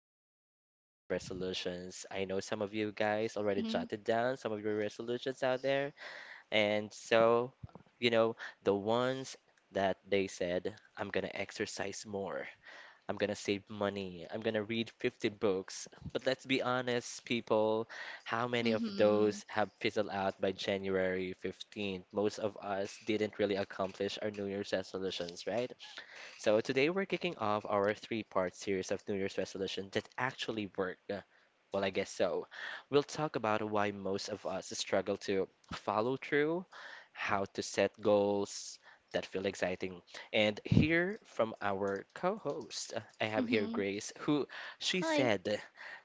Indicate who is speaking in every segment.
Speaker 1: jotted down a list of resolutions. I know some of you guys already jotted down some of your resolutions out there. And so, you know, the ones that they said, I'm gonna exercise more, I'm gonna save money, I'm gonna read 50 books. But let's be honest, people, how many of those have fizzled out by January 15th? Most of us didn't really accomplish our New Year's resolutions, right? So today we're kicking off our three-part series of New Year's resolution that actually work. Well, I guess so. We'll talk about why most of us struggle to follow through, how to set goals that feel exciting, and hear from our co-host. I have here Grace, who she
Speaker 2: Hi.
Speaker 1: said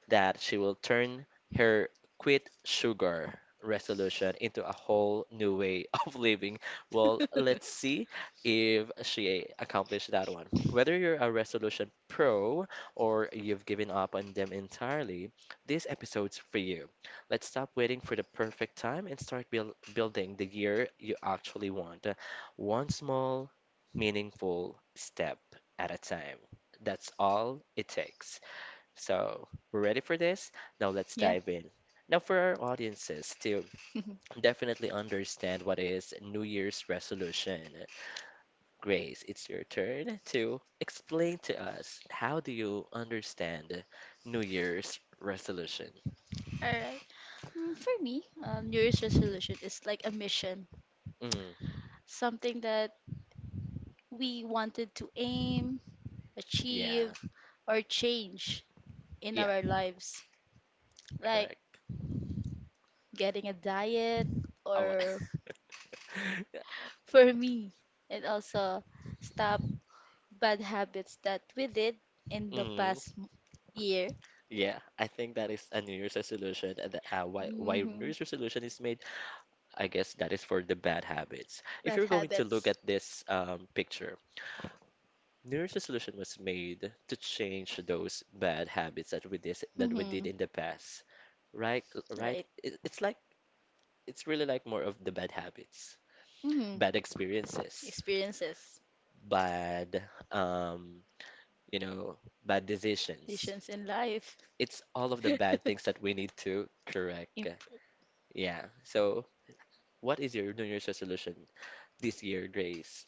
Speaker 1: that she will turn her quit sugar resolution into a whole new way of living. Well, let's see if she accomplished that one. Whether you're a resolution pro or you've given up on them entirely, this episode's for you. Let's stop waiting for the perfect time and start building the year you actually want. One small, meaningful step at a time. That's all it takes. So, we're ready for this? Now let's dive in. Now, for our audiences to
Speaker 2: All
Speaker 1: definitely understand what is New Year's resolution, Grace, it's your turn to explain to us how do you understand New Year's resolution?
Speaker 2: right. For me, New Year's resolution is like a mission,
Speaker 1: Mm,
Speaker 2: something that we wanted to aim achieve,
Speaker 1: yeah,
Speaker 2: or change in
Speaker 1: yeah,
Speaker 2: our lives, like
Speaker 1: correct.
Speaker 2: getting a diet,
Speaker 1: I want,
Speaker 2: or for me, and also stop bad habits that we did in the
Speaker 1: mm,
Speaker 2: past year.
Speaker 1: yeah, I think that is a New Year's resolution. And why New
Speaker 2: Hmm.
Speaker 1: Year's resolution is made, I guess that is for the bad habits. If
Speaker 2: Bad
Speaker 1: you're going to look
Speaker 2: habits.
Speaker 1: at this picture, New Year's resolution was made to change those bad habits that we did that we
Speaker 2: Hmm.
Speaker 1: did in the past, right? Right?
Speaker 2: Right.
Speaker 1: It's like it's really like more of the bad habits,
Speaker 2: Hmm.
Speaker 1: bad experiences,
Speaker 2: Experiences,
Speaker 1: bad um, you know, bad decisions.
Speaker 2: decisions in life.
Speaker 1: It's all of the bad things that we need to correct.
Speaker 2: Imp-
Speaker 1: Yeah. So, what is your New Year's resolution this year, Grace?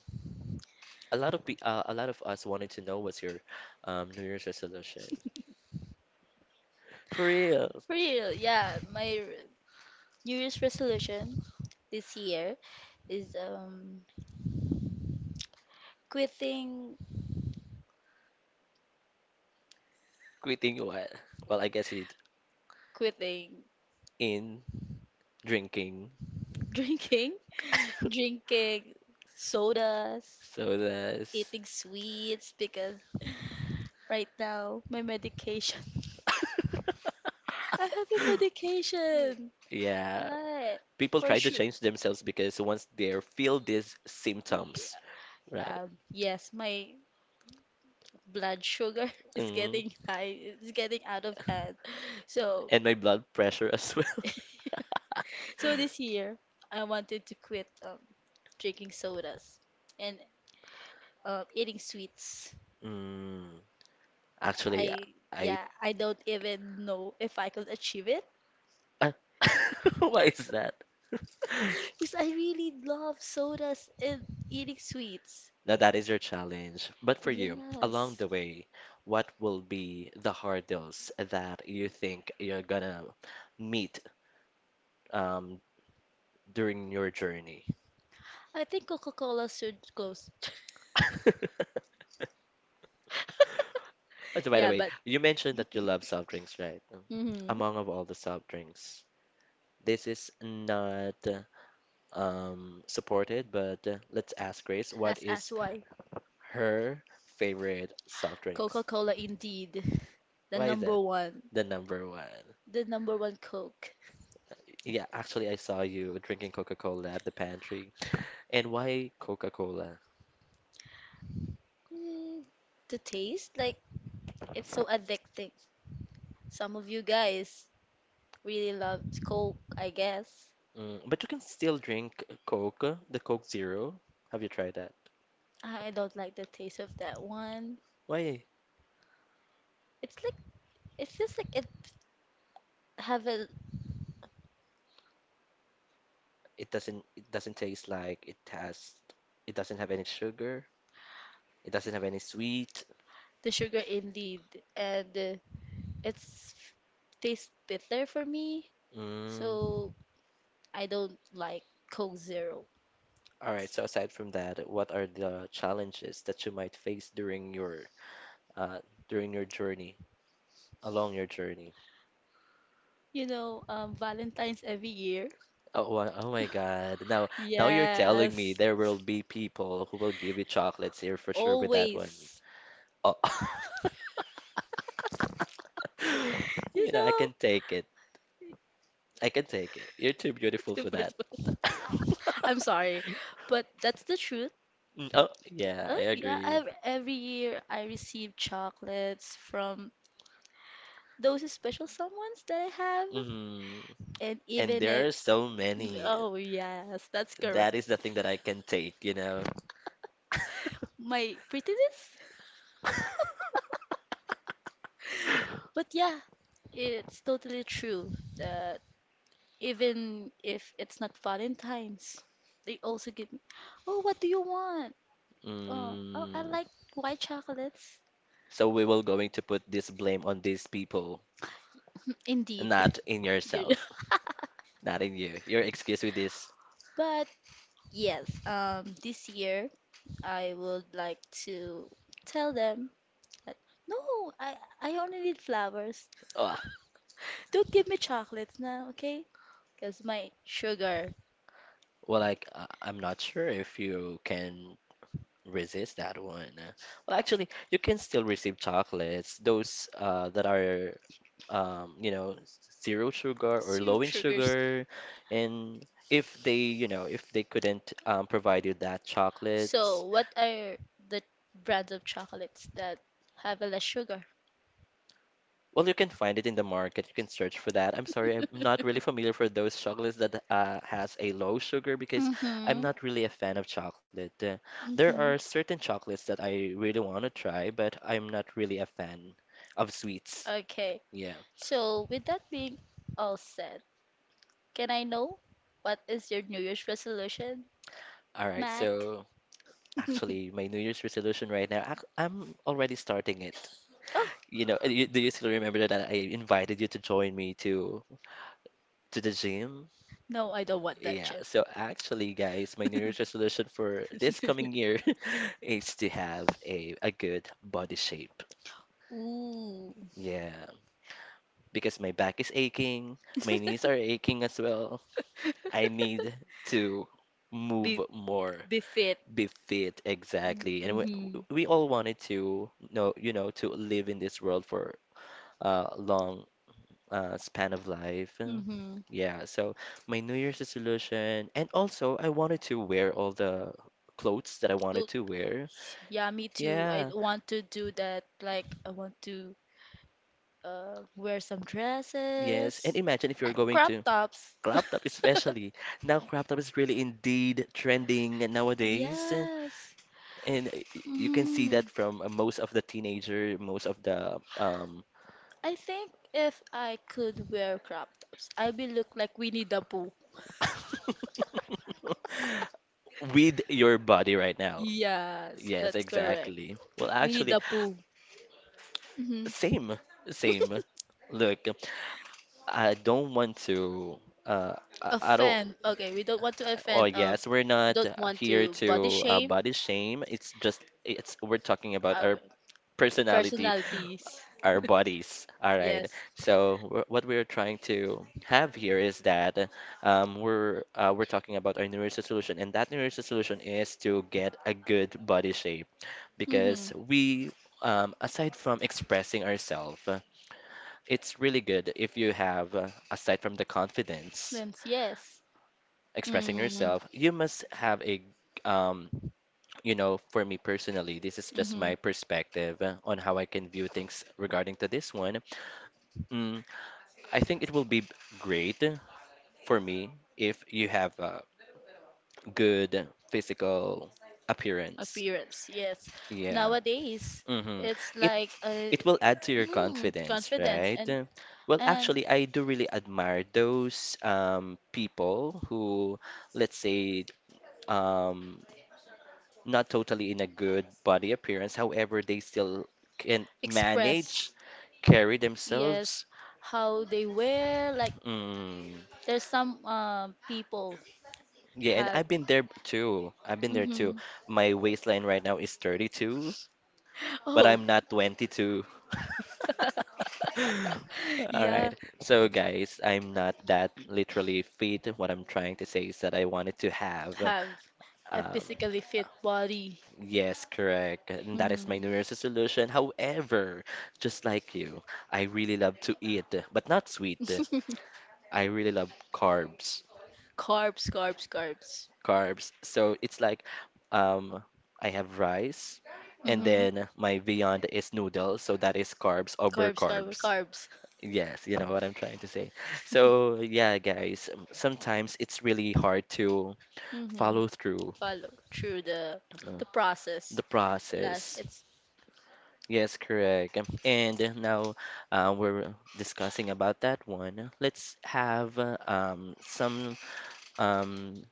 Speaker 1: A lot of us wanted to know what's your New Year's resolution. For real,
Speaker 2: For real, yeah. New Year's resolution this year is quitting
Speaker 1: quitting what? Well, I guess it's
Speaker 2: quitting
Speaker 1: in drinking.
Speaker 2: drinking drinking sodas,
Speaker 1: So that's
Speaker 2: eating sweets because right now my medication I have a medication.
Speaker 1: yeah.
Speaker 2: Right.
Speaker 1: People
Speaker 2: For
Speaker 1: try to
Speaker 2: sure.
Speaker 1: change themselves because once they feel these
Speaker 2: Yeah.
Speaker 1: symptoms, right?
Speaker 2: Yes, my blood sugar is
Speaker 1: Mm.
Speaker 2: getting high. It's getting out of hand. So,
Speaker 1: And my blood pressure as well.
Speaker 2: So, this year, I wanted to quit drinking sodas and eating sweets.
Speaker 1: Mm. Actually,
Speaker 2: I
Speaker 1: I.
Speaker 2: Yeah, I don't even know if I could achieve it
Speaker 1: I- Why is that?
Speaker 2: because I really love sodas and eating sweets.
Speaker 1: Now that is your challenge. But for you, along
Speaker 2: Yes.
Speaker 1: the way, what will be the hurdles that you think you're gonna meet um, during your journey?
Speaker 2: I think Coca-Cola should close.
Speaker 1: So by the
Speaker 2: Yeah,
Speaker 1: way,
Speaker 2: but
Speaker 1: you mentioned that you love soft drinks, right?
Speaker 2: mhm.
Speaker 1: Among of all the soft drinks, this is not supported, but let's ask Grace, what
Speaker 2: As
Speaker 1: is
Speaker 2: why.
Speaker 1: her favorite soft drinks?
Speaker 2: Coca-Cola indeed. The
Speaker 1: Why is
Speaker 2: number
Speaker 1: that
Speaker 2: one.
Speaker 1: the number one?
Speaker 2: The number one Coke.
Speaker 1: Yeah, actually, I saw you drinking Coca-Cola at the pantry. And why Coca-Cola?
Speaker 2: Mm, the taste, like it's so addicting. Some of you guys really loved Coke, I guess.
Speaker 1: Mm, but you can still drink Coke, the Coke Zero. Have you tried that?
Speaker 2: I don't like the taste of that one.
Speaker 1: Why?
Speaker 2: It's like it feels like it have a,
Speaker 1: It doesn't taste like it has, it doesn't have any sugar. It doesn't have any sweet.
Speaker 2: the sugar indeed, and it's tastes bitter for me.
Speaker 1: Mm.
Speaker 2: So I don't like Coke Zero.
Speaker 1: All right, so aside from that, what are the challenges that you might face uh during your journey, along your journey?
Speaker 2: You know, Valentine's every year.
Speaker 1: Oh my God. Now, now you're telling me
Speaker 2: Yes,
Speaker 1: there will be people who will give you chocolates here for sure with that one.
Speaker 2: always.
Speaker 1: Oh.
Speaker 2: You
Speaker 1: You know, I
Speaker 2: know.
Speaker 1: can take it. I can take it. You're too beautiful for
Speaker 2: Divorce.
Speaker 1: that.
Speaker 2: Both. I'm sorry, but that's the truth.
Speaker 1: Mm. Oh, yeah, I
Speaker 2: Oh yeah,
Speaker 1: agree.
Speaker 2: ev every year I receive chocolates from those special someones that I have,
Speaker 1: Hmm.
Speaker 2: and
Speaker 1: And
Speaker 2: even
Speaker 1: there
Speaker 2: if,
Speaker 1: are so many.
Speaker 2: oh yes, that's correct.
Speaker 1: That is the thing that I can take, you know.
Speaker 2: My prettiness? But yeah, it's totally true that even if it's not Valentine's, they also give me, oh, what do you want? Oh, I
Speaker 1: Mm.
Speaker 2: like white chocolates.
Speaker 1: So we will going to put this blame on these people,
Speaker 2: Indeed.
Speaker 1: not in
Speaker 2: Yeah.
Speaker 1: yourself. Not in you. Your excuse with this.
Speaker 2: But yes, this year I would like to tell them that no, I only need flowers.
Speaker 1: Ah,
Speaker 2: Don't give me chocolates now, okay? Because my sugar,
Speaker 1: well, I'm not sure if you can resist that one. Well, actually, you can still receive chocolates. Those that are um, you know, zero sugar or low in sugar, and if they, if they couldn't provide you that chocolate,
Speaker 2: so, what are the brands of chocolates that have less sugar?
Speaker 1: well, you can find it in the market. You can search for that. I'm sorry, I'm not really familiar for those chocolates that has a low sugar because
Speaker 2: Mm-hmm.
Speaker 1: I'm not really a fan of chocolate. There
Speaker 2: Mm-hmm.
Speaker 1: are certain chocolates that I really want to try, but I'm not really a fan of sweets.
Speaker 2: Okay.
Speaker 1: Yeah.
Speaker 2: So with that being all said, can I know what is your New Year's resolution,
Speaker 1: All right.
Speaker 2: Mac?
Speaker 1: So actually, my New Year's resolution right now, I'm already starting it.
Speaker 2: Oh,
Speaker 1: Do you still remember that I invited you to join me to the gym?
Speaker 2: no, I don't want that
Speaker 1: Yeah,
Speaker 2: chip.
Speaker 1: so actually, guys, my New Year's resolution for this coming year is to have a good body shape.
Speaker 2: Ooh,
Speaker 1: Yeah, because my back is aching, my knees are aching as well. I need to move
Speaker 2: Be
Speaker 1: more,
Speaker 2: be fit.
Speaker 1: be fit exactly. And we,
Speaker 2: Mm-hmm,
Speaker 1: we all wanted to know, you know, to live in this world for a long span of life.
Speaker 2: mm-hmm.
Speaker 1: Yeah, so my New Year's resolution, and also I wanted to wear all the clothes that I wanted to wear.
Speaker 2: Yeah, me too. I
Speaker 1: Yeah,
Speaker 2: want to do that. Like, I want to wear some
Speaker 1: yes,
Speaker 2: dresses
Speaker 1: and imagine if you're
Speaker 2: and
Speaker 1: going
Speaker 2: crop
Speaker 1: to
Speaker 2: tops.
Speaker 1: crop top, especially now, crop top is really indeed trending nowadays,
Speaker 2: Yes.
Speaker 1: and you can see that
Speaker 2: Mhm.
Speaker 1: from most of the teenager, most of the
Speaker 2: I think if I could wear crop tops, I'd be look like Winnie the Pooh.
Speaker 1: with your body right now.
Speaker 2: Yes,
Speaker 1: Yes,
Speaker 2: that's correct.
Speaker 1: exactly. Well,
Speaker 2: Like Winnie
Speaker 1: actually,
Speaker 2: the Pooh. Hmm.
Speaker 1: same, same. Look, I don't want to. Uh, I don't.
Speaker 2: Offend. Okay, we don't want to
Speaker 1: Oh
Speaker 2: offend.
Speaker 1: yes, we're
Speaker 2: We
Speaker 1: not
Speaker 2: don't want
Speaker 1: here
Speaker 2: to body
Speaker 1: to
Speaker 2: shame.
Speaker 1: body shame. It's just it's we're talking about our
Speaker 2: Okay.
Speaker 1: personality,
Speaker 2: Personalities.
Speaker 1: our bodies. All right.
Speaker 2: Yes.
Speaker 1: So what we're trying to have here is that we're talking about our New Year's resolution, and that New Year's resolution is to get a good body shape
Speaker 2: Mm-hmm.
Speaker 1: because we. Aside from expressing ourselves, it's really good if you have, aside from the confidence,
Speaker 2: Then yes.
Speaker 1: expressing
Speaker 2: Mm.
Speaker 1: yourself, you must have a, um, for me personally, this is just
Speaker 2: Mm-hmm.
Speaker 1: my perspective on how I can view things regarding to this one. Mm, I think it will be great for me if you have a good physical appearance.
Speaker 2: Appearance. Yes.
Speaker 1: Yeah.
Speaker 2: Nowadays,
Speaker 1: Hmm.
Speaker 2: it's
Speaker 1: It
Speaker 2: like a
Speaker 1: it will add to your confidence,
Speaker 2: confidence
Speaker 1: right?
Speaker 2: and
Speaker 1: Well,
Speaker 2: and
Speaker 1: actually, I do really admire those people who, let's say, um, not totally in a good body appearance. However, they still can manage,
Speaker 2: express.
Speaker 1: carry
Speaker 2: Yes.
Speaker 1: themselves.
Speaker 2: How they wear. Like
Speaker 1: Mm.
Speaker 2: there's some people
Speaker 1: Yeah, and
Speaker 2: have.
Speaker 1: I've been there too. I've been there too.
Speaker 2: Hmm.
Speaker 1: My waistline right now is 32, but
Speaker 2: Oh,
Speaker 1: I'm not 22. All right.
Speaker 2: yeah.
Speaker 1: So, guys, I'm not that literally fit. What I'm trying to say is that I wanted to have,
Speaker 2: Have a
Speaker 1: um,
Speaker 2: physically fit body.
Speaker 1: yes, correct. And that is my
Speaker 2: Hmm.
Speaker 1: New Year's resolution. However, just like you, I really love to eat, but not sweet. I really love carbs.
Speaker 2: Carbs, carbs, carbs.
Speaker 1: Carbs. So it's like, um, I have rice, and
Speaker 2: Hmm.
Speaker 1: then my beyond is noodles. So that is carbs over
Speaker 2: Carbs, carbs,
Speaker 1: carbs.
Speaker 2: carbs.
Speaker 1: Yes, you know what I'm trying to say. So, yeah, guys, sometimes it's really hard to
Speaker 2: Hmm.
Speaker 1: follow through
Speaker 2: Follow through the
Speaker 1: uh,
Speaker 2: the process.
Speaker 1: the
Speaker 2: Last,
Speaker 1: process.
Speaker 2: it's.
Speaker 1: Yes, correct. And now we're discussing about that one. Let's have some um,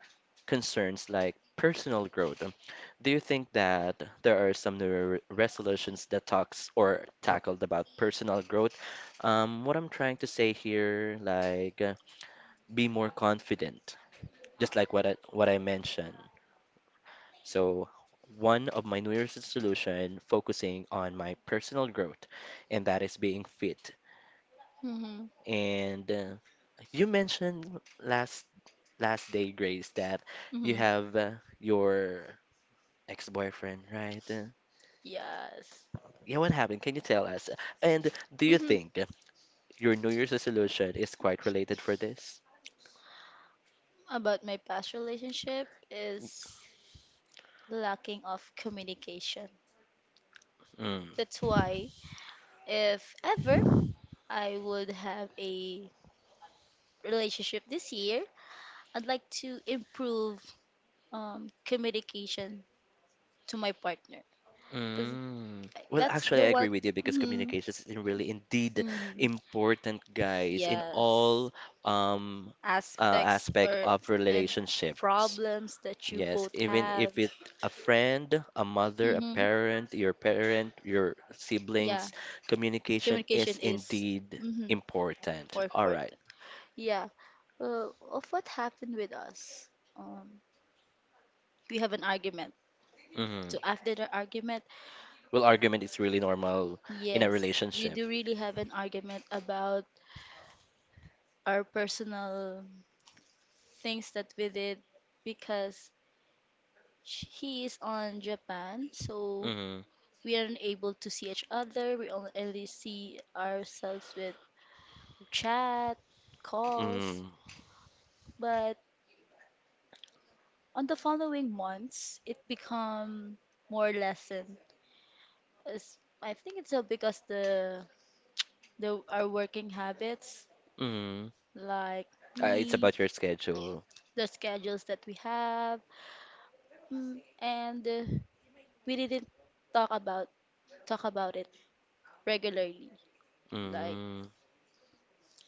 Speaker 1: concerns like personal growth. Do you think that there are some resolutions that talks or tackled about personal growth? What I'm trying to say here, like, be more confident, just like what I mentioned. So, one of my New Year's resolution focusing on my personal growth, and that is being fit.
Speaker 2: Hmm.
Speaker 1: And you mentioned last last day, Grace, that you
Speaker 2: Hmm.
Speaker 1: have your ex-boyfriend, right?
Speaker 2: Yes.
Speaker 1: Yeah, what happened? Can you tell us? And do you
Speaker 2: Hmm.
Speaker 1: think your New Year's resolution is quite related for this?
Speaker 2: About my past relationship is lacking of communication.
Speaker 1: Mm.
Speaker 2: That's why if ever I would have a relationship this year, I'd like to improve communication to my partner because
Speaker 1: Mm. Well,
Speaker 2: that's
Speaker 1: actually,
Speaker 2: the
Speaker 1: I
Speaker 2: one.
Speaker 1: agree with you because
Speaker 2: Mhm,
Speaker 1: communication is really indeed
Speaker 2: mhm.
Speaker 1: important, guys, in
Speaker 2: Yes,
Speaker 1: all um
Speaker 2: aspects
Speaker 1: aspect
Speaker 2: or
Speaker 1: of
Speaker 2: and
Speaker 1: relationships.
Speaker 2: problems that you
Speaker 1: Yes,
Speaker 2: both
Speaker 1: even
Speaker 2: have.
Speaker 1: if it's a friend, a mother, a
Speaker 2: Hmm.
Speaker 1: parent, your
Speaker 2: Yeah,
Speaker 1: siblings, communication is
Speaker 2: communication is,
Speaker 1: indeed
Speaker 2: mm-hmm,
Speaker 1: important.
Speaker 2: more
Speaker 1: All right.
Speaker 2: important. Yeah. Of what happened with us? Um, we have an argument.
Speaker 1: Mm-hmm.
Speaker 2: So after the argument,
Speaker 1: Well, argument is really normal in a
Speaker 2: yes, we do
Speaker 1: relationship.
Speaker 2: really have an argument about our personal things that we did because he is on Japan, so
Speaker 1: Mm-hmm.
Speaker 2: we aren't able to see each other. We only see ourselves with chat, calls,
Speaker 1: Mm-hmm.
Speaker 2: but on the following months, it become more lessened. As- I think it's all because the our working habits,
Speaker 1: Mm-hmm.
Speaker 2: like
Speaker 1: It's
Speaker 2: me,
Speaker 1: about your schedule.
Speaker 2: the schedules that we have. Mm. And we didn't talk about talk about it regularly, like,
Speaker 1: Mm.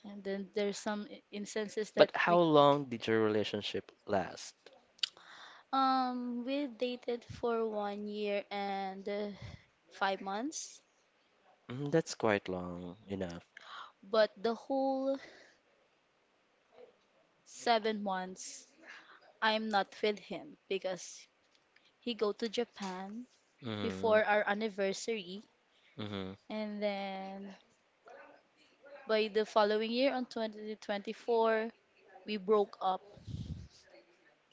Speaker 2: and then there's some instances that
Speaker 1: But how long did your relationship last?
Speaker 2: We dated for 1 year and 5 months,
Speaker 1: Mm, that's quite long enough.
Speaker 2: but the whole 7 months I'm not with him because he go to Japan
Speaker 1: Mm,
Speaker 2: before our anniversary,
Speaker 1: mm.
Speaker 2: and then by the following year on 2024 we broke up,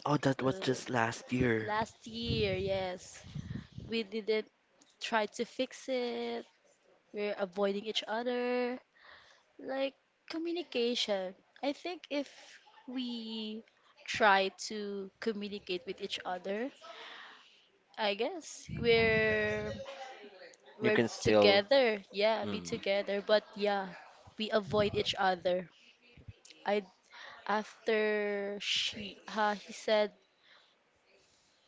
Speaker 1: Oh, that was
Speaker 2: uh,
Speaker 1: just last year.
Speaker 2: last year, yes. We didn't try to fix it. We're avoiding each other. Like communication. I think if we try to communicate with each other, I guess we're
Speaker 1: You
Speaker 2: we're
Speaker 1: can still.
Speaker 2: together. Yeah, be
Speaker 1: Mm,
Speaker 2: together, but yeah, we avoid each other. I After she ha he said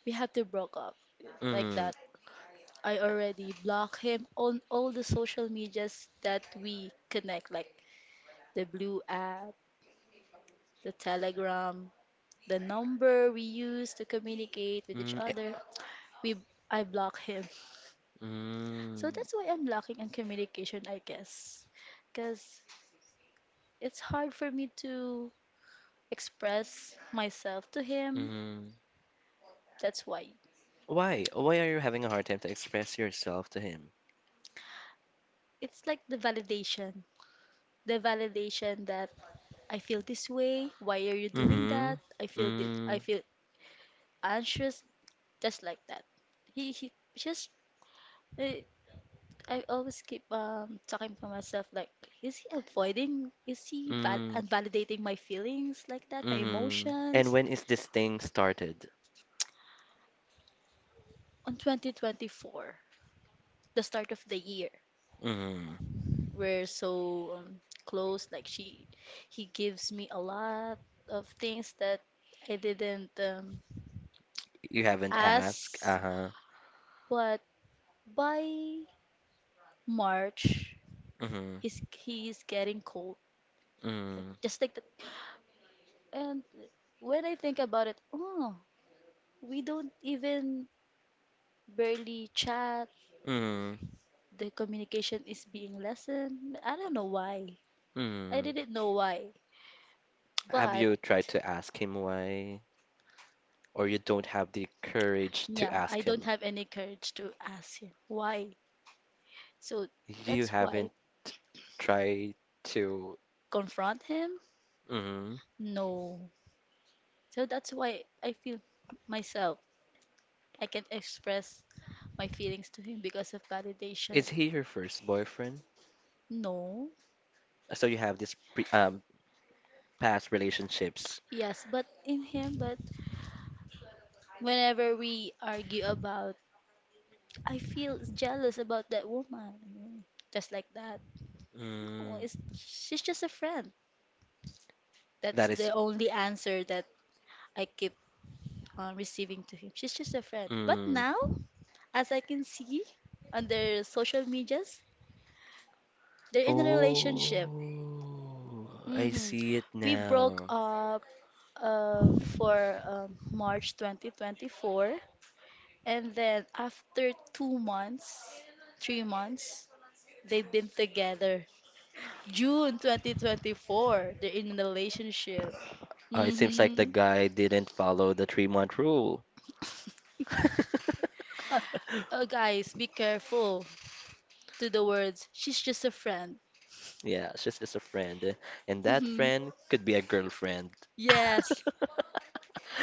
Speaker 2: we had to broke up like
Speaker 1: mm,
Speaker 2: that. I already block him on all the social medias that we connect, like the blue app, the telegram, the number we use to communicate with each
Speaker 1: mm,
Speaker 2: other.
Speaker 1: eh,
Speaker 2: We I block him. So
Speaker 1: mm,
Speaker 2: that's why I'm blocking on communication, I guess. Because it's hard for me to express myself to him.
Speaker 1: mm.
Speaker 2: That's why.
Speaker 1: Why? Why are you having a hard time to express yourself to him?
Speaker 2: It's like the validation. The validation that I feel this way. Why are you doing
Speaker 1: Mm,
Speaker 2: that? I feel this. I
Speaker 1: mm,
Speaker 2: feel anxious. Just like that. He just uh, I always keep talking to myself, like, is he avoiding? Is he val
Speaker 1: mm,
Speaker 2: invalidating my feelings, like that, my
Speaker 1: mm. And
Speaker 2: emotions?
Speaker 1: when is this thing started?
Speaker 2: On 2024, the start of the year,
Speaker 1: Mm.
Speaker 2: we're so close. Like he gives me a lot of things that I didn't
Speaker 1: You haven't asked.
Speaker 2: ask.
Speaker 1: Uh-huh.
Speaker 2: But by March,
Speaker 1: Mm,
Speaker 2: he's getting cold, like,
Speaker 1: mm,
Speaker 2: just like that. And when I think about it, oh, we don't even barely chat.
Speaker 1: mm,
Speaker 2: The communication is being lessened. I don't know why. I
Speaker 1: mm.
Speaker 2: didn't know why.
Speaker 1: Have
Speaker 2: But
Speaker 1: you tried to ask him why, or you don't have the courage to
Speaker 2: yeah, I
Speaker 1: ask
Speaker 2: don't
Speaker 1: him?
Speaker 2: have any courage to ask him why. So
Speaker 1: You
Speaker 2: that's why
Speaker 1: haven't tried to.
Speaker 2: confront him?
Speaker 1: Hmm.
Speaker 2: No. So that's why I feel myself. I can express my feelings to him because of validation.
Speaker 1: Is he your first boyfriend?
Speaker 2: No.
Speaker 1: So you have this pre past relationships.
Speaker 2: Yes, but in him, but whenever we argue about I feel jealous about that woman. Mm, Just like that. Oh,
Speaker 1: Mm,
Speaker 2: she's just a friend.
Speaker 1: that
Speaker 2: That's the
Speaker 1: is.
Speaker 2: only answer that I keep on receiving to him. She's just a friend. But
Speaker 1: Mm.
Speaker 2: now, as I can see on their social medias, they're in a relationship.
Speaker 1: Oh, I
Speaker 2: Hmm.
Speaker 1: see it
Speaker 2: We broke
Speaker 1: now.
Speaker 2: up for March 2024. And then after 2 months, 3 months, they've been together. June 2024, they're in a relationship.
Speaker 1: Oh, it seems like the
Speaker 2: Mm-hmm.
Speaker 1: guy didn't follow the 3 month rule.
Speaker 2: Oh, guys, be careful to the words. She's just a friend.
Speaker 1: Yeah, she's just a friend. And that
Speaker 2: Mm-hmm.
Speaker 1: friend could be a girlfriend.
Speaker 2: Yes,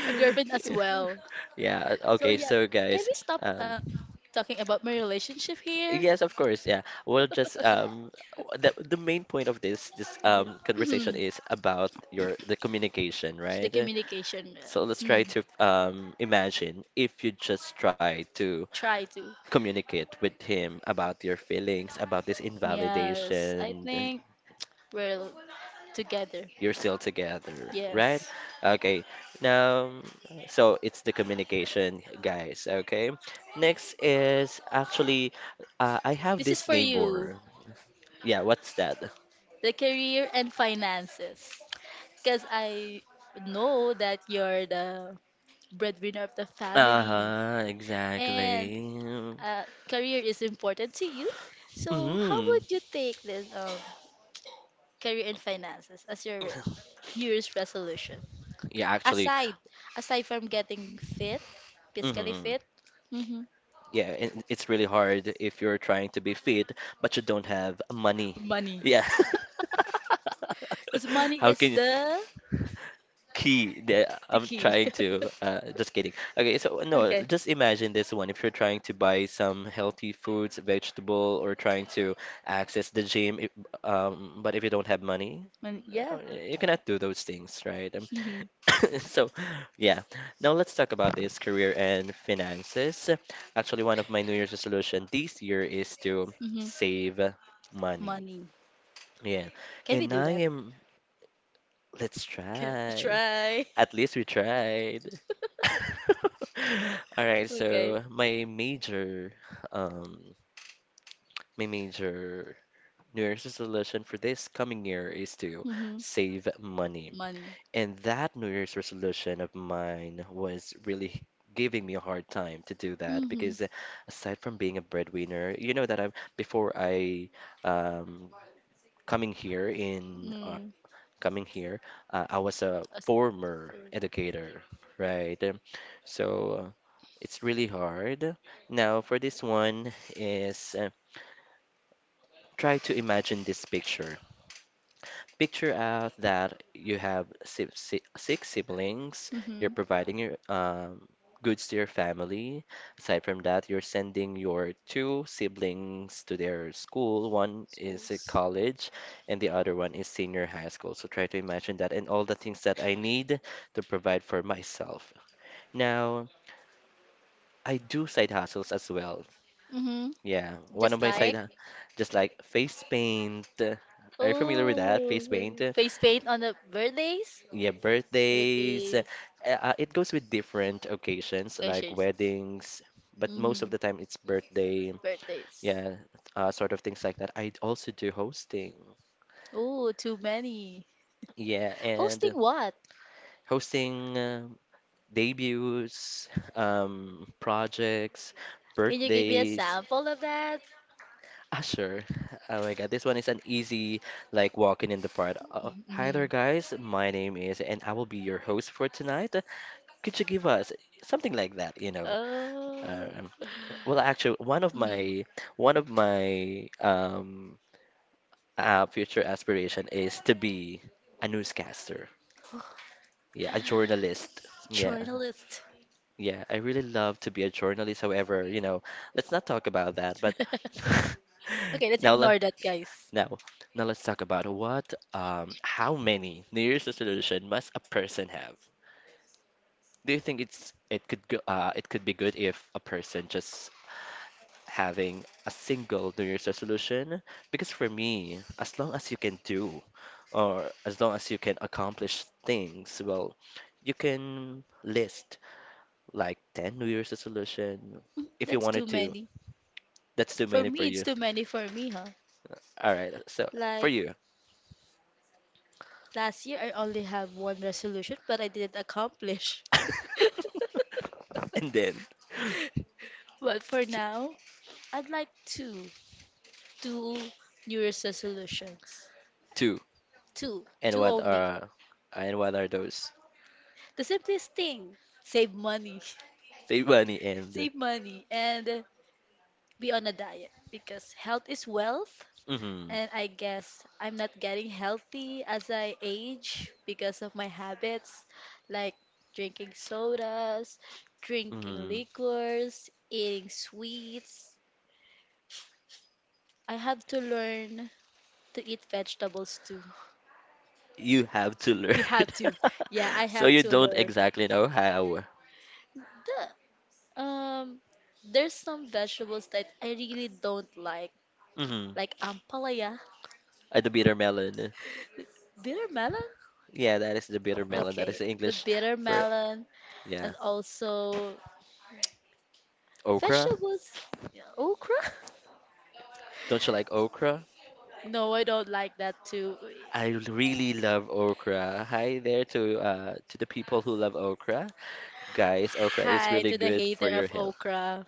Speaker 2: a girlfriend as well.
Speaker 1: Yeah,
Speaker 2: So
Speaker 1: okay,
Speaker 2: yeah,
Speaker 1: so
Speaker 2: can
Speaker 1: guys,
Speaker 2: we stop
Speaker 1: um,
Speaker 2: talking about my relationship here?
Speaker 1: yes, of course. Yeah. Well, just the main point of this conversation
Speaker 2: Mhm.
Speaker 1: is about your the communication,
Speaker 2: The
Speaker 1: right?
Speaker 2: communication.
Speaker 1: So let's try to imagine if you just try to
Speaker 2: Try to.
Speaker 1: communicate with him about your feelings, about this
Speaker 2: Yes, I
Speaker 1: invalidation.
Speaker 2: think we're together.
Speaker 1: You're still together, right?
Speaker 2: Yes.
Speaker 1: Okay. Now, so it's the communication, guys. Okay. Next is actually, I have
Speaker 2: This is
Speaker 1: this
Speaker 2: for you,
Speaker 1: neighbor. Yeah, what's that?
Speaker 2: the career and finances. Because I know that you're the breadwinner of the family
Speaker 1: Uh-huh,
Speaker 2: and
Speaker 1: exactly.
Speaker 2: uh, career is important to you. So, how
Speaker 1: hmm
Speaker 2: would you take this career and finances as your New Year's resolution?
Speaker 1: Yeah, actually,
Speaker 2: Aside, aside from getting fit, physically
Speaker 1: hmm
Speaker 2: fit. Hmm.
Speaker 1: yeah, and it's really hard if you're trying to be fit, but you don't have money.
Speaker 2: Money.
Speaker 1: Yeah.
Speaker 2: Because money
Speaker 1: How
Speaker 2: is
Speaker 1: can you?
Speaker 2: the,
Speaker 1: Key that
Speaker 2: the
Speaker 1: I'm
Speaker 2: key.
Speaker 1: trying to just kidding. Okay, so no,
Speaker 2: Okay.
Speaker 1: just imagine this one. If you're trying to buy some healthy foods, vegetable, or trying to access the gym, if, but if you don't have money,
Speaker 2: Money, yeah.
Speaker 1: uh, you cannot do those things, right?
Speaker 2: Hmm.
Speaker 1: So yeah. Now let's talk about this career and finances. Actually, one of my New Year's resolution this year is to
Speaker 2: Hmm.
Speaker 1: save money.
Speaker 2: Money.
Speaker 1: Yeah,
Speaker 2: Can we
Speaker 1: and
Speaker 2: do
Speaker 1: I
Speaker 2: that?
Speaker 1: am. Let's
Speaker 2: Can,
Speaker 1: try.
Speaker 2: try.
Speaker 1: At least we tried. All right,
Speaker 2: Okay.
Speaker 1: so um, my major New Year's resolution for this coming year is to
Speaker 2: Mm-hmm.
Speaker 1: save money.
Speaker 2: Money.
Speaker 1: And that New Year's resolution of mine was really giving me a hard time to do that
Speaker 2: Mm-hmm.
Speaker 1: because aside from being a breadwinner, you know that I before I um, coming here in
Speaker 2: Mm.
Speaker 1: coming here, I was a
Speaker 2: As for,
Speaker 1: former educator, right? So uh, it's really hard. Now for this one is try to imagine this picture. Picture out that you have si si six siblings, you're
Speaker 2: mm-hmm,
Speaker 1: providing your goods to your family. Aside from that, you're sending your two siblings to their school. One is a
Speaker 2: schools.
Speaker 1: college, and the other one is senior high school. So try to imagine that and all the things that I need to provide for myself. Now, I do side hustles as well.
Speaker 2: Mm-hmm.
Speaker 1: Yeah, one of
Speaker 2: Just
Speaker 1: my
Speaker 2: like,
Speaker 1: just like face paint. Are you familiar with that?
Speaker 2: oh,
Speaker 1: Face paint?
Speaker 2: face paint on the birthdays,
Speaker 1: Yeah, birthdays.
Speaker 2: birthdays.
Speaker 1: It goes with different occasions like
Speaker 2: Specials.
Speaker 1: weddings, but most of
Speaker 2: Mm-hmm.
Speaker 1: the time it's birthday.
Speaker 2: Birthdays.
Speaker 1: Yeah, sort of things like that. I also do hosting.
Speaker 2: Oh, too many.
Speaker 1: Yeah,
Speaker 2: Hosting
Speaker 1: and
Speaker 2: what?
Speaker 1: hosting debuts, projects,
Speaker 2: Can you give me a
Speaker 1: birthdays.
Speaker 2: sample of that?
Speaker 1: Ah, sure. Oh my God, this one is an easy like walking in the part. Hi
Speaker 2: Mm-hmm.
Speaker 1: there, guys. My name is, and I will be your host for tonight. Could you give us something like that, you know?
Speaker 2: Oh,
Speaker 1: Um, well, actually,
Speaker 2: mm-hmm.
Speaker 1: one of my future aspiration is to be a newscaster. Yeah, a journalist. Yeah,
Speaker 2: Journalist.
Speaker 1: yeah. I really love to be a journalist. However, you know, let's not talk about that. But
Speaker 2: Okay, let's
Speaker 1: now let
Speaker 2: ignore that, guys.
Speaker 1: now now let's talk about what how many New Year's resolution must a person have? Do you think it could go it could be good if a person just having a single New Year's resolution because for me, as long as you can do or as long as you can accomplish things, well, you can list like 10 New Year's resolution if you
Speaker 2: That's
Speaker 1: wanted
Speaker 2: too
Speaker 1: to.
Speaker 2: many.
Speaker 1: That's too
Speaker 2: For
Speaker 1: many for
Speaker 2: me, it's
Speaker 1: you.
Speaker 2: too many for me, huh?
Speaker 1: All right, so for
Speaker 2: Like
Speaker 1: you.
Speaker 2: last year, I only have one resolution, but I didn't accomplish.
Speaker 1: And then
Speaker 2: But for now, I'd like two, two New Year's resolutions.
Speaker 1: two.
Speaker 2: Two,
Speaker 1: And
Speaker 2: two
Speaker 1: what
Speaker 2: only.
Speaker 1: are and what are those?
Speaker 2: The simplest thing, save money.
Speaker 1: Save money and
Speaker 2: Save money, and be on a diet because health is wealth.
Speaker 1: hmm
Speaker 2: And I guess I'm not getting healthy as I age because of my habits, like drinking sodas, drinking
Speaker 1: hmm
Speaker 2: liquors, eating sweets. I have to learn to eat vegetables too.
Speaker 1: you have to learn.
Speaker 2: You have to. Yeah, I
Speaker 1: So
Speaker 2: have
Speaker 1: you
Speaker 2: to
Speaker 1: don't
Speaker 2: learn.
Speaker 1: exactly know how.
Speaker 2: The, um, there's some vegetables that I really don't
Speaker 1: hmm
Speaker 2: like ampalaya,
Speaker 1: The bitter melon.
Speaker 2: bitter melon.
Speaker 1: Yeah, that is the bitter melon. That is
Speaker 2: Okay,
Speaker 1: the
Speaker 2: the
Speaker 1: English
Speaker 2: bitter
Speaker 1: for,
Speaker 2: melon.
Speaker 1: yeah.
Speaker 2: And also
Speaker 1: Okra?
Speaker 2: vegetables? Yeah, okra?
Speaker 1: Don't you like okra?
Speaker 2: No, I don't like that too.
Speaker 1: I really love okra. Hi there to the people who love okra. Guys, okra is
Speaker 2: Hi
Speaker 1: really
Speaker 2: to the
Speaker 1: good
Speaker 2: hater
Speaker 1: for your
Speaker 2: of
Speaker 1: health.
Speaker 2: okra.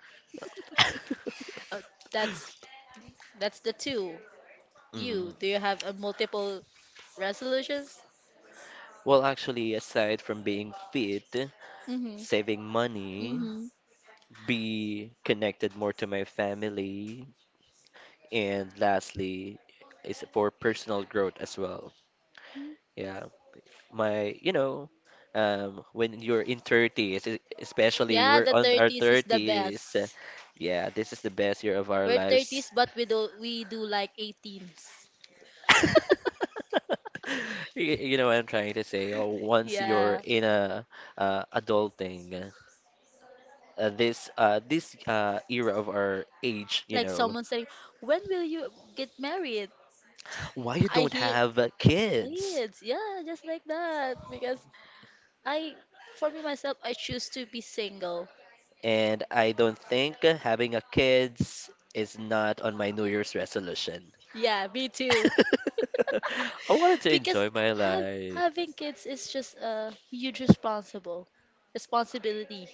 Speaker 2: Uh, that's that's the two.
Speaker 1: Mhm.
Speaker 2: Do you have a multiple resolutions?
Speaker 1: Well, actually, aside from being fit,
Speaker 2: Mm-hmm.
Speaker 1: saving money,
Speaker 2: Mm-hmm.
Speaker 1: be connected more to my family, and lastly, is for personal growth as well. Yeah. My you know when you're in 30s especially
Speaker 2: Yeah,
Speaker 1: we're
Speaker 2: the
Speaker 1: on our
Speaker 2: 30s is the
Speaker 1: 30s
Speaker 2: best.
Speaker 1: yeah, this is the best year of our
Speaker 2: We're 30s,
Speaker 1: lives.
Speaker 2: but we do like 18s.
Speaker 1: You know what I'm trying to say. Oh, once you're
Speaker 2: Yeah.
Speaker 1: in a adulting this this era of our age, you
Speaker 2: Like
Speaker 1: know
Speaker 2: someone saying, "When will you get married?"
Speaker 1: why you
Speaker 2: I
Speaker 1: don't
Speaker 2: hear
Speaker 1: have kids.
Speaker 2: kids. Yeah, just like that because I, for me myself, I choose to be single.
Speaker 1: And I don't think having a kids is not on my New Year's resolution.
Speaker 2: Yeah, me too.
Speaker 1: I wanted to
Speaker 2: Because
Speaker 1: enjoy my
Speaker 2: have,
Speaker 1: life
Speaker 2: having kids is just a huge responsible responsibility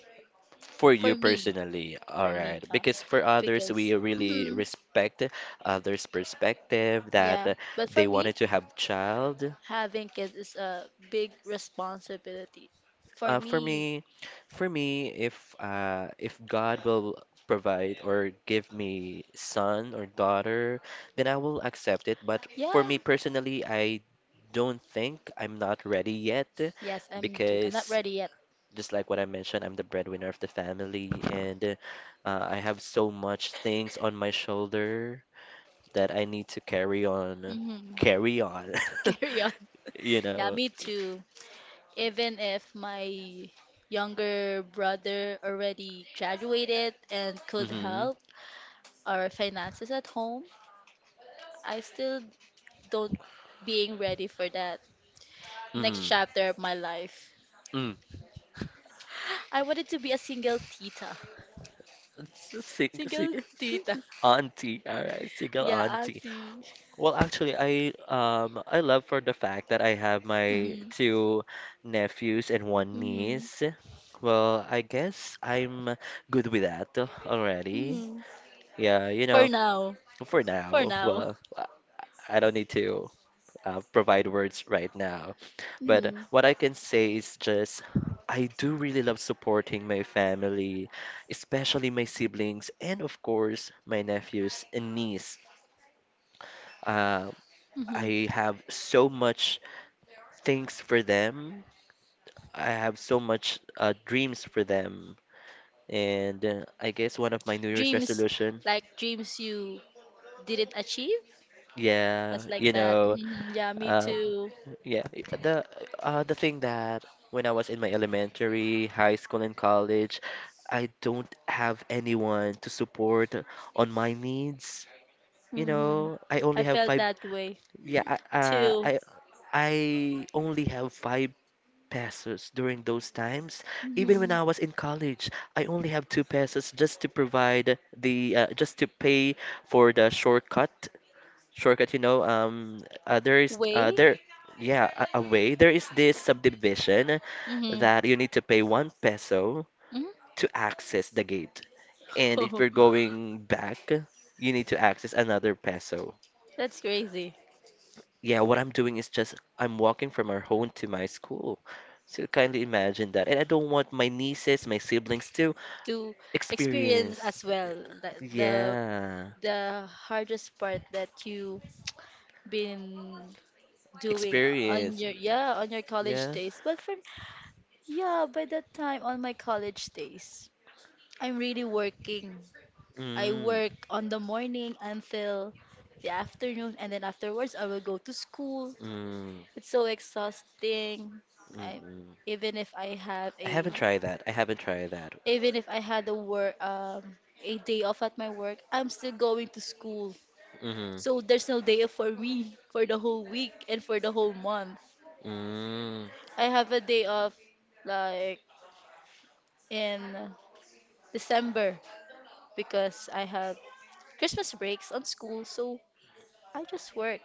Speaker 1: for
Speaker 2: for
Speaker 1: you
Speaker 2: me,
Speaker 1: personally, all
Speaker 2: for me,
Speaker 1: right?
Speaker 2: huh?
Speaker 1: Because for others, we
Speaker 2: Because,
Speaker 1: really
Speaker 2: mhm,
Speaker 1: respect others' perspective that
Speaker 2: yeah. But for
Speaker 1: they
Speaker 2: me,
Speaker 1: wanted to have child.
Speaker 2: having kids is a big responsibility. For
Speaker 1: Uh, for
Speaker 2: me,
Speaker 1: me, for me, if God will provide or give me son or daughter, then I will accept it. But for
Speaker 2: yeah.
Speaker 1: me personally, I don't think I'm not ready yet
Speaker 2: Yes, I'm too. I'm not
Speaker 1: because
Speaker 2: ready yet.
Speaker 1: just like what I mentioned, I'm the breadwinner of the family, and I have so much things on my shoulder that I need to
Speaker 2: Hmm.
Speaker 1: carry on,
Speaker 2: Carry on.
Speaker 1: you
Speaker 2: Yeah,
Speaker 1: know.
Speaker 2: me too. Even if my younger brother already graduated and could
Speaker 1: Mm-hmm.
Speaker 2: help our finances at home, I still don't being ready for that next
Speaker 1: Mm-hmm.
Speaker 2: chapter of my life.
Speaker 1: Mm.
Speaker 2: I wanted to be a single tita.
Speaker 1: It's a
Speaker 2: Single tita.
Speaker 1: auntie, all right, single
Speaker 2: Yeah,
Speaker 1: auntie.
Speaker 2: auntie.
Speaker 1: Well, actually, I love for the fact that I have my
Speaker 2: Hmm.
Speaker 1: two nephews and one
Speaker 2: Hmm.
Speaker 1: niece. Well, I guess I'm good with that already.
Speaker 2: Hmm.
Speaker 1: Yeah, you
Speaker 2: For
Speaker 1: know,
Speaker 2: now.
Speaker 1: for
Speaker 2: For
Speaker 1: now,
Speaker 2: now.
Speaker 1: well, I don't need to provide words right now. But
Speaker 2: Hmm.
Speaker 1: what I can say is just I do really love supporting my family, especially my siblings and of course my nephews and niece. Uh,
Speaker 2: Hmm.
Speaker 1: I have so much things for them. I have so much dreams for them. And I guess one of my New Year's
Speaker 2: Dreams,
Speaker 1: resolution,
Speaker 2: like dreams you didn't achieve.
Speaker 1: yeah,
Speaker 2: That's like
Speaker 1: you
Speaker 2: that.
Speaker 1: know,
Speaker 2: Hmm. Yeah, me
Speaker 1: um,
Speaker 2: too.
Speaker 1: yeah, the thing that when I was in my elementary, high school, and college, I don't have anyone to support on my needs. You
Speaker 2: Mm-hmm.
Speaker 1: know, I only
Speaker 2: I
Speaker 1: have
Speaker 2: felt
Speaker 1: five.
Speaker 2: that way
Speaker 1: Yeah,
Speaker 2: too.
Speaker 1: I only have five pesos during those times. Even when
Speaker 2: Mm-hmm.
Speaker 1: I was in college, I only have two pesos just to provide the just to pay for the shortcut, you know,
Speaker 2: Way?
Speaker 1: there, yeah, a way. There is this subdivision
Speaker 2: Mm-hmm.
Speaker 1: that you need to pay one peso to access the gate, and if you're
Speaker 2: Hmm.
Speaker 1: going back, you need to access another peso.
Speaker 2: That's crazy
Speaker 1: Yeah, what I'm doing is just I'm walking from our home to my school. So kindly imagine that, and I don't want my nieces, my siblings to
Speaker 2: to experience as
Speaker 1: experience.
Speaker 2: well. The, the
Speaker 1: Yeah,
Speaker 2: the hardest part that you been doing on
Speaker 1: experience.
Speaker 2: your yeah, on your college
Speaker 1: Yeah.
Speaker 2: days. But from yeah, by that time on my college days, I'm really working. I
Speaker 1: Mm,
Speaker 2: work on the morning until the afternoon, and then afterwards I will go to school.
Speaker 1: mm, mm,
Speaker 2: It's so exhausting. I
Speaker 1: mm.
Speaker 2: even if I have
Speaker 1: I
Speaker 2: a
Speaker 1: haven't tried that. I haven't tried that.
Speaker 2: even if I had a work a day off at my work, I'm still going to school.
Speaker 1: Mm-hmm.
Speaker 2: So there's no day off for me for the whole week and for the whole month.
Speaker 1: Mm.
Speaker 2: I have a day off like in December because I have Christmas breaks on school, so I just work.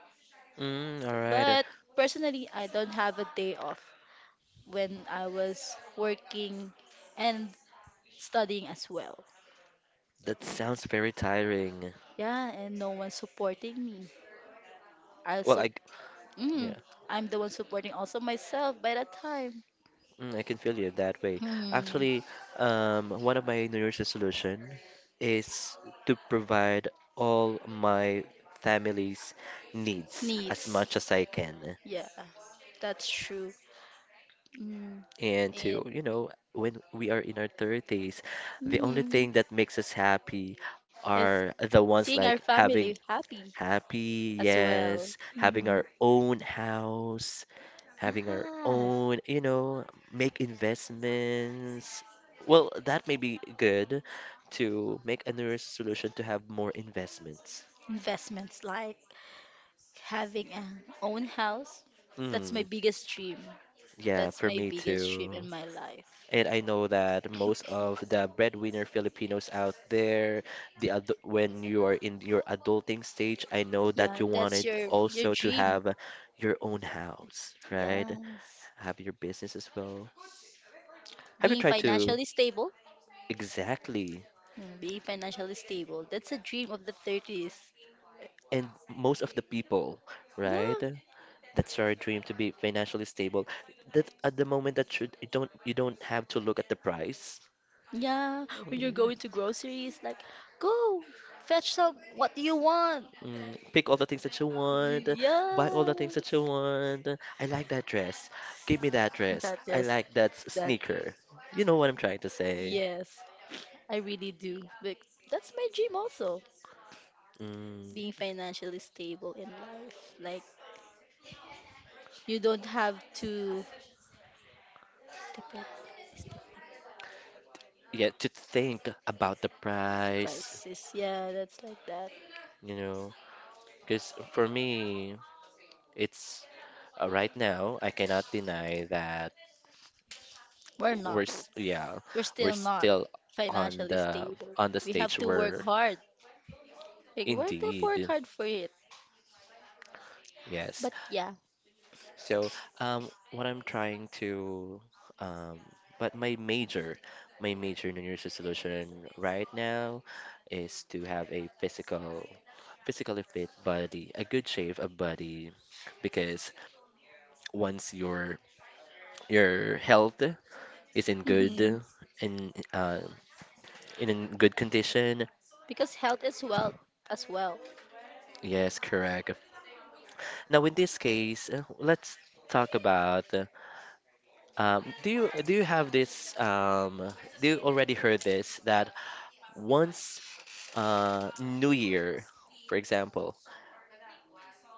Speaker 1: Mm, all right.
Speaker 2: But personally, I don't have a day off when I was working and studying as well.
Speaker 1: That sounds very tiring.
Speaker 2: Yeah, and no one's supporting me. I'll
Speaker 1: Well,
Speaker 2: sup mm,
Speaker 1: yeah,
Speaker 2: I'm the one supporting also myself by that time.
Speaker 1: mm, I can feel you that way.
Speaker 2: Mm,
Speaker 1: Actually, one of my New Year's resolution is to provide all my family's needs as
Speaker 2: needs.
Speaker 1: much as I can.
Speaker 2: Yeah, that's true. Mm,
Speaker 1: And to,
Speaker 2: and
Speaker 1: you know, when we are in our 30s, the only
Speaker 2: mm,
Speaker 1: thing that makes us happy
Speaker 2: it's
Speaker 1: are the ones
Speaker 2: seeing our
Speaker 1: like having.
Speaker 2: family happy
Speaker 1: Happy,
Speaker 2: as well.
Speaker 1: yes. Having
Speaker 2: Mm,
Speaker 1: our own house, having our
Speaker 2: yes.
Speaker 1: own, you know, make investments. Well, that may be good to make a New Year's solution to have more investments.
Speaker 2: Investments like having an own house. That's my
Speaker 1: Mm,
Speaker 2: biggest dream.
Speaker 1: yeah,
Speaker 2: That's
Speaker 1: for
Speaker 2: my
Speaker 1: me
Speaker 2: biggest dream
Speaker 1: too.
Speaker 2: in my life.
Speaker 1: And I know that most of the breadwinner Filipinos out there, the adu when you are in your adulting stage, I know that
Speaker 2: Yeah,
Speaker 1: you
Speaker 2: that's
Speaker 1: wanted
Speaker 2: your
Speaker 1: also to
Speaker 2: dream.
Speaker 1: have your own house, right?
Speaker 2: Yes.
Speaker 1: Have your business as well. Have you
Speaker 2: Being
Speaker 1: tried to
Speaker 2: financially stable,
Speaker 1: exactly
Speaker 2: being financially stable, that's a dream of the 30s.
Speaker 1: and most of the people,
Speaker 2: Yeah,
Speaker 1: right? That's our dream to be financially stable. That at the moment that should you don't have to look at the price.
Speaker 2: yeah. When you're
Speaker 1: Mm,
Speaker 2: going to groceries, like, go fetch some what you want.
Speaker 1: mm, pick all the things that you want, buy all the
Speaker 2: Yeah,
Speaker 1: things that you want. I like that dress. Give me that dress.
Speaker 2: that
Speaker 1: I
Speaker 2: yes,
Speaker 1: like that
Speaker 2: that
Speaker 1: sneaker. You know what I'm trying to say.
Speaker 2: yes, I really do. Like, that's my dream also.
Speaker 1: Mm,
Speaker 2: Being financially stable in life, like you don't have to depend, is
Speaker 1: yeah, to think about the price,
Speaker 2: prices. Yeah, that's like that.
Speaker 1: you know, because for me, it's right now, I cannot deny that
Speaker 2: We're not.
Speaker 1: yeah,
Speaker 2: We're
Speaker 1: we're
Speaker 2: still not
Speaker 1: still on
Speaker 2: financially
Speaker 1: the
Speaker 2: stable.
Speaker 1: on the
Speaker 2: We have
Speaker 1: stage
Speaker 2: to work
Speaker 1: where
Speaker 2: hard. Like, we have to work
Speaker 1: indeed,
Speaker 2: hard for it.
Speaker 1: yes.
Speaker 2: But yeah,
Speaker 1: So, what I'm trying to um, but my major New Year's resolution right now is to have a physically fit body, a good shape of body because once your health is in good
Speaker 2: hmm
Speaker 1: and in a good condition.
Speaker 2: because health is wealth as well.
Speaker 1: Yes, correct. Now, in this case, let's talk about do you have this do you already heard this that once New Year, for example,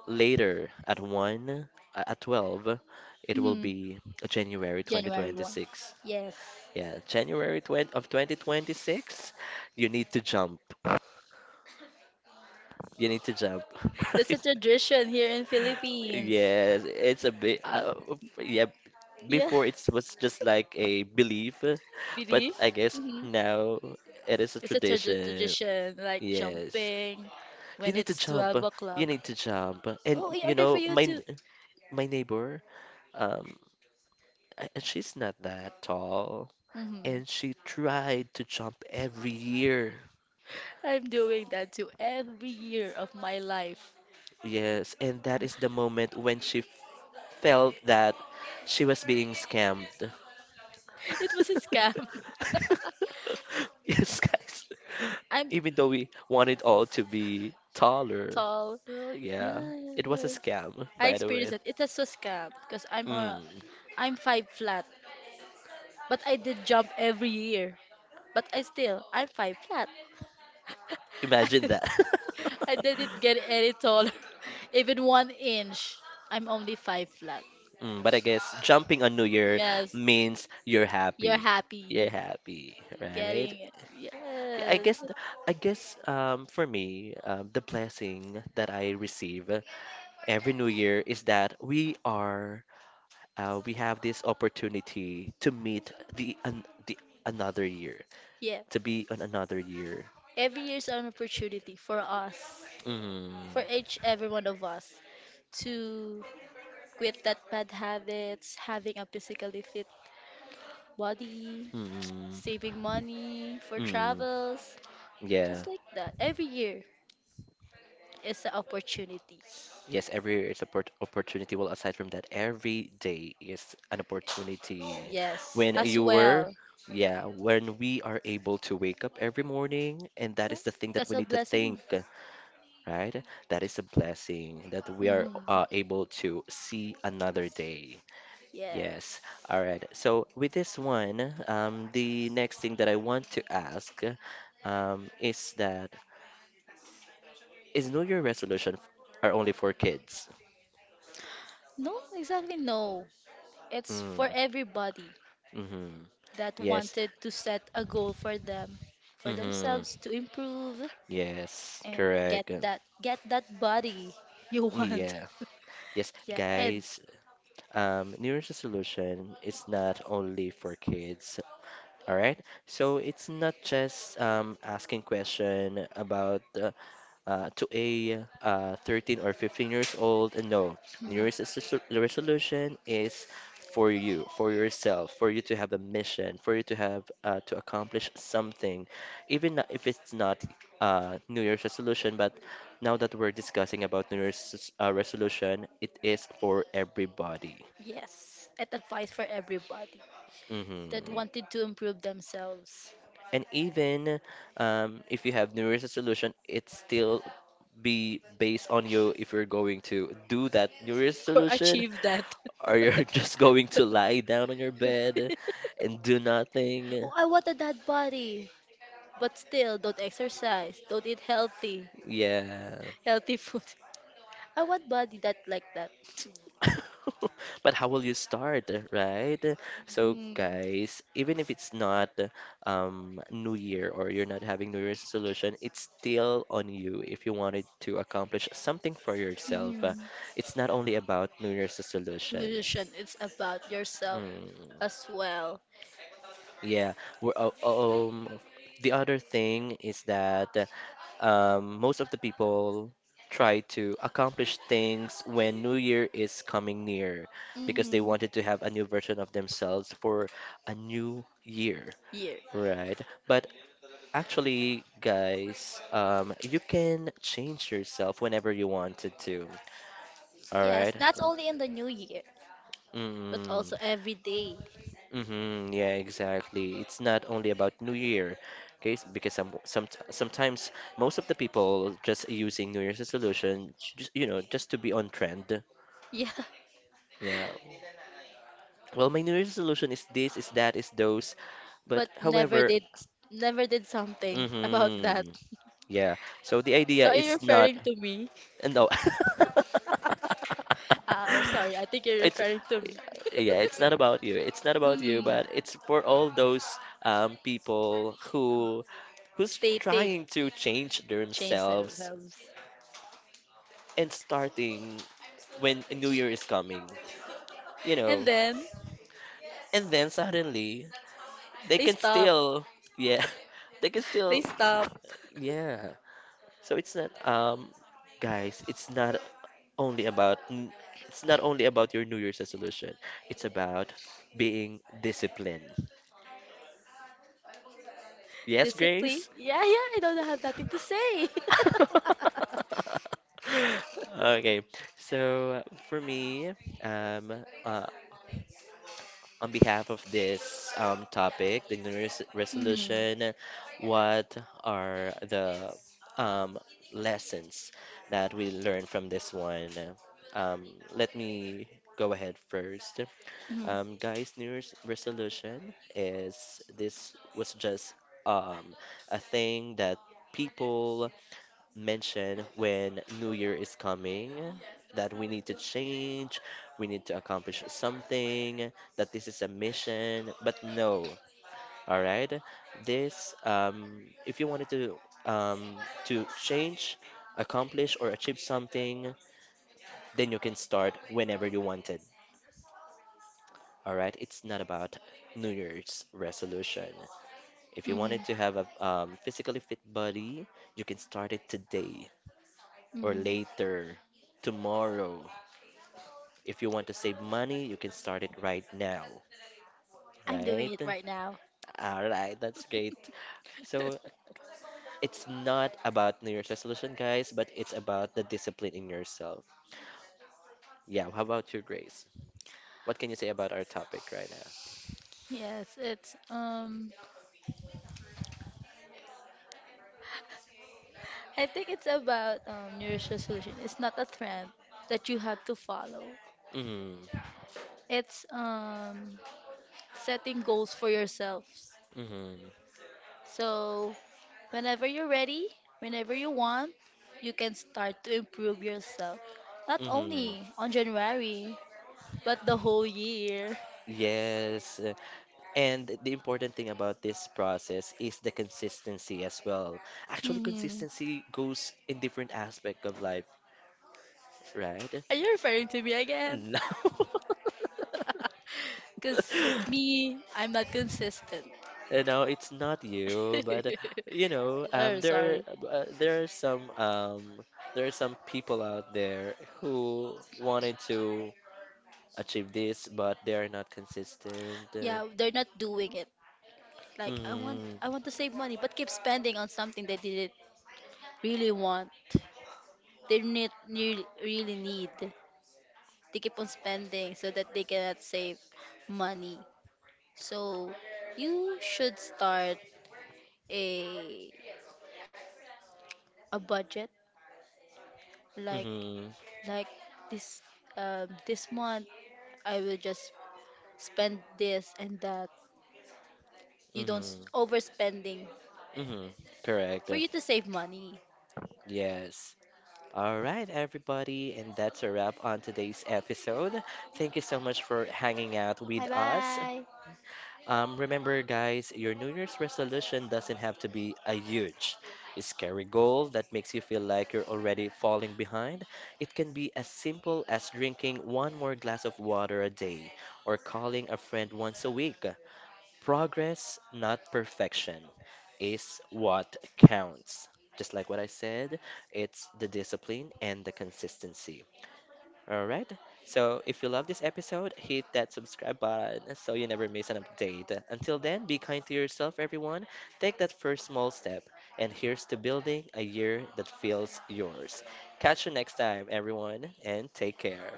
Speaker 1: later at 1 at 12, it will
Speaker 2: Mm.
Speaker 1: be January
Speaker 2: January 1.
Speaker 1: 2026.
Speaker 2: Yes.
Speaker 1: Yeah, January 20 of 2026, you need to jump. You need to jump.
Speaker 2: That's a tradition here in Philippines.
Speaker 1: Yes, it's a bit,
Speaker 2: Uh,
Speaker 1: yeah,
Speaker 2: yeah.
Speaker 1: before it was just like a belief, but
Speaker 2: Really?
Speaker 1: I guess
Speaker 2: Hmm.
Speaker 1: now it is a
Speaker 2: It's a
Speaker 1: tradition.
Speaker 2: tradition, like
Speaker 1: Yes.
Speaker 2: jumping
Speaker 1: You
Speaker 2: when
Speaker 1: need to
Speaker 2: it's
Speaker 1: jump.
Speaker 2: 12
Speaker 1: You
Speaker 2: o'clock.
Speaker 1: need to jump. And
Speaker 2: Oh, in
Speaker 1: you
Speaker 2: order for
Speaker 1: know,
Speaker 2: you to.
Speaker 1: my neighbor, um, she's not that tall,
Speaker 2: Hmm.
Speaker 1: and she tried to jump every year.
Speaker 2: I'm doing that too every year of my life.
Speaker 1: Yes, and that is the moment when she felt that she was being scammed.
Speaker 2: It was a scam.
Speaker 1: Yes, guys.
Speaker 2: I'm
Speaker 1: Even though we wanted all to be taller.
Speaker 2: tall.
Speaker 1: Yeah. It was a
Speaker 2: Yes.
Speaker 1: scam,
Speaker 2: I
Speaker 1: by the way.
Speaker 2: experienced it. It was a scam because
Speaker 1: Mm,
Speaker 2: I'm five flat, but I did jump every year. But I'm five flat.
Speaker 1: imagine that.
Speaker 2: I didn't get any taller, even one inch. I'm only five flat.
Speaker 1: But I guess jumping on New Year
Speaker 2: Yes,
Speaker 1: means you're
Speaker 2: you're
Speaker 1: happy. You're
Speaker 2: happy
Speaker 1: happy, right?
Speaker 2: getting it.
Speaker 1: Yeah,
Speaker 2: Yes,
Speaker 1: I guess for me, the blessing that I receive every New Year is that we have this opportunity to meet the another year,
Speaker 2: yes.
Speaker 1: to be on another year.
Speaker 2: Every year is an opportunity for us,
Speaker 1: Mm,
Speaker 2: for each every one of us to quit that bad habits, having a physically fit body,
Speaker 1: mm,
Speaker 2: saving money for
Speaker 1: mm,
Speaker 2: travels,
Speaker 1: yeah.
Speaker 2: just like that. Every year is an opportunity.
Speaker 1: Yes, every year is a opportunity. Well, aside from that, every day is an opportunity.
Speaker 2: Yes,
Speaker 1: When
Speaker 2: as
Speaker 1: you were,
Speaker 2: well.
Speaker 1: yeah, when we are able to wake up every morning, and that
Speaker 2: So
Speaker 1: is the thing that
Speaker 2: that's
Speaker 1: we
Speaker 2: a
Speaker 1: need to
Speaker 2: blessing.
Speaker 1: think, right? That is a blessing that we are
Speaker 2: Hmm.
Speaker 1: able to see another day. Yes.
Speaker 2: Yes.
Speaker 1: All right. So with this one, the next thing that I want to ask, is that is New Year resolution are only for kids?
Speaker 2: No, exactly no. It's
Speaker 1: Mm,
Speaker 2: for everybody
Speaker 1: mm-hmm.
Speaker 2: that
Speaker 1: Yes.
Speaker 2: wanted to set a goal for them, for themselves
Speaker 1: Mm-hmm.
Speaker 2: to improve,
Speaker 1: Yes.
Speaker 2: and
Speaker 1: Correct.
Speaker 2: get that body you want.
Speaker 1: Yeah. Yes,
Speaker 2: Yeah, and
Speaker 1: guys. New Year's resolution is not only for kids. All right. So it's not just asking question about to a 13 or 15 years old. And no,
Speaker 2: mm,
Speaker 1: New Year's is resol- the resolution is for you, for yourself, for you to have a mission, for you to have to accomplish something, even not- if it's not New Year's resolution. But now that we're discussing about New Year's resolution, it is for everybody.
Speaker 2: yes, it applies for everybody
Speaker 1: Hmm.
Speaker 2: that wanted to improve themselves.
Speaker 1: And even if you have New Year's resolution, it's still be based on you if you're going to do that New Year's
Speaker 2: Or
Speaker 1: resolution
Speaker 2: achieve that.
Speaker 1: or you're just going to lie down on your bed and do nothing.
Speaker 2: Oh, I wanted that body, but still don't exercise, don't eat
Speaker 1: Yeah.
Speaker 2: healthy food. I want body that like that.
Speaker 1: But how will you start, right? So, guys, even if it's not New Year or you're not having New Year's resolution, it's still on you if you wanted to accomplish something for yourself.
Speaker 2: Mm. Mhm.
Speaker 1: It's not only about New Year's resolution.
Speaker 2: Illusion is about yourself
Speaker 1: Mm,
Speaker 2: as well.
Speaker 1: yeah. We're, uh, um, the other thing is that most of the people try to accomplish things when New Year is coming near because they
Speaker 2: Mhm.
Speaker 1: wanted to have a new version of themselves for a new year,
Speaker 2: Year.
Speaker 1: right? But actually, guys, you can change yourself whenever you wanted to, all
Speaker 2: Yes,
Speaker 1: right?
Speaker 2: not only in the new year, but also every day.
Speaker 1: Mm-hmm, yeah, exactly. It's not only about New Year, okay? Because some sometimes most of the people just using New Year's resolution, just you know, just to be on trend.
Speaker 2: Yeah,
Speaker 1: Yeah. Well, my New Year's resolution is this, is that, is those. But
Speaker 2: but
Speaker 1: however,
Speaker 2: never did something about that.
Speaker 1: mm-hmm, yeah. So the
Speaker 2: So
Speaker 1: idea
Speaker 2: are you
Speaker 1: is not.
Speaker 2: referring to me?
Speaker 1: No.
Speaker 2: Sorry, I think you're
Speaker 1: It's
Speaker 2: referring to
Speaker 1: yeah, it's not about you. It's not about you,
Speaker 2: me. Hmm.
Speaker 1: but it's for all those people who who's
Speaker 2: Stating
Speaker 1: trying to change
Speaker 2: change
Speaker 1: themselves
Speaker 2: themselves.
Speaker 1: and starting when a new year is coming, you
Speaker 2: And
Speaker 1: know.
Speaker 2: then
Speaker 1: And then suddenly they
Speaker 2: they
Speaker 1: can
Speaker 2: stop.
Speaker 1: still yeah, they can
Speaker 2: They
Speaker 1: still
Speaker 2: stop.
Speaker 1: yeah, so it's not, guys, it's not only about n- it's not only about your New Year's resolution. It's about being disciplined. Yes,
Speaker 2: Discipline.
Speaker 1: Grace?
Speaker 2: Yeah, yeah, I don't have nothing to say.
Speaker 1: Okay. So for me, um, uh, on behalf of this topic, the New Year's
Speaker 2: Hmm.
Speaker 1: resolution, what are the um, lessons that we learn from this one? Let me go ahead first.
Speaker 2: Hmm.
Speaker 1: Guys, New Year's resolution is this was just um, a thing that people mention when New Year is coming that we need to change, we need to accomplish something, that this is a mission, but no. All right? This if you wanted um to change, accomplish or achieve something, then you can start whenever you wanted. All right? It's not about New Year's resolution. If you
Speaker 2: Hmm.
Speaker 1: wanted to have a physically fit body, you can start it today or
Speaker 2: Hmm.
Speaker 1: later tomorrow. If you want to save money, you can start it right now,
Speaker 2: I'm doing it
Speaker 1: right?
Speaker 2: right now.
Speaker 1: All right, that's great. So it's not about New Year's resolution, guys, but it's about the discipline in yourself. Yeah, how about your Grace? What can you say about our topic right now?
Speaker 2: Yes, it's I think it's about New Year's resolution. It's not a trend that you have to follow.
Speaker 1: Mm,
Speaker 2: It's setting goals for yourselves.
Speaker 1: mm,
Speaker 2: So whenever you're ready, whenever you want, you can start to improve yourself. Not
Speaker 1: mm.
Speaker 2: only on January, but the whole year.
Speaker 1: Yes. And the important thing about this process is the consistency as well. Actually,
Speaker 2: Mhm.
Speaker 1: consistency goes in different aspect of life, right?
Speaker 2: Are you referring to me again?
Speaker 1: No.
Speaker 2: Because me, I'm not consistent.
Speaker 1: No, it's not you, but you know,
Speaker 2: Oh, sorry.
Speaker 1: uh, there are some um, there are some people out there who wanted to achieve this, but they are not consistent.
Speaker 2: Yeah, they're not doing it. Like
Speaker 1: Mm,
Speaker 2: I want to save money but keep spending on something they didn't really want. They need really, really need. They keep on spending so that they cannot save money. So you should start a a budget like
Speaker 1: mm,
Speaker 2: like this this month I will just spend this and that. You don't
Speaker 1: mm,
Speaker 2: overspending
Speaker 1: mm, correct.
Speaker 2: for you to save money.
Speaker 1: Yes. All right, everybody, and that's a wrap on today's episode. Thank you so much for hanging out
Speaker 2: Bye
Speaker 1: with us.
Speaker 2: bye.
Speaker 1: Remember, guys, your New Year's resolution doesn't have to be a huge, scary goal that makes you feel like you're already falling behind. It can be as simple as drinking one more glass of water a day or calling a friend once a week. Progress, not perfection, is what counts. Just like what I said, it's the discipline and the consistency. All right. So if you love this episode, hit that subscribe button so you never miss an update. Until then, be kind to yourself, everyone. Take that first small step. And here's to building a year that feels yours. Catch you next time, everyone, and take care.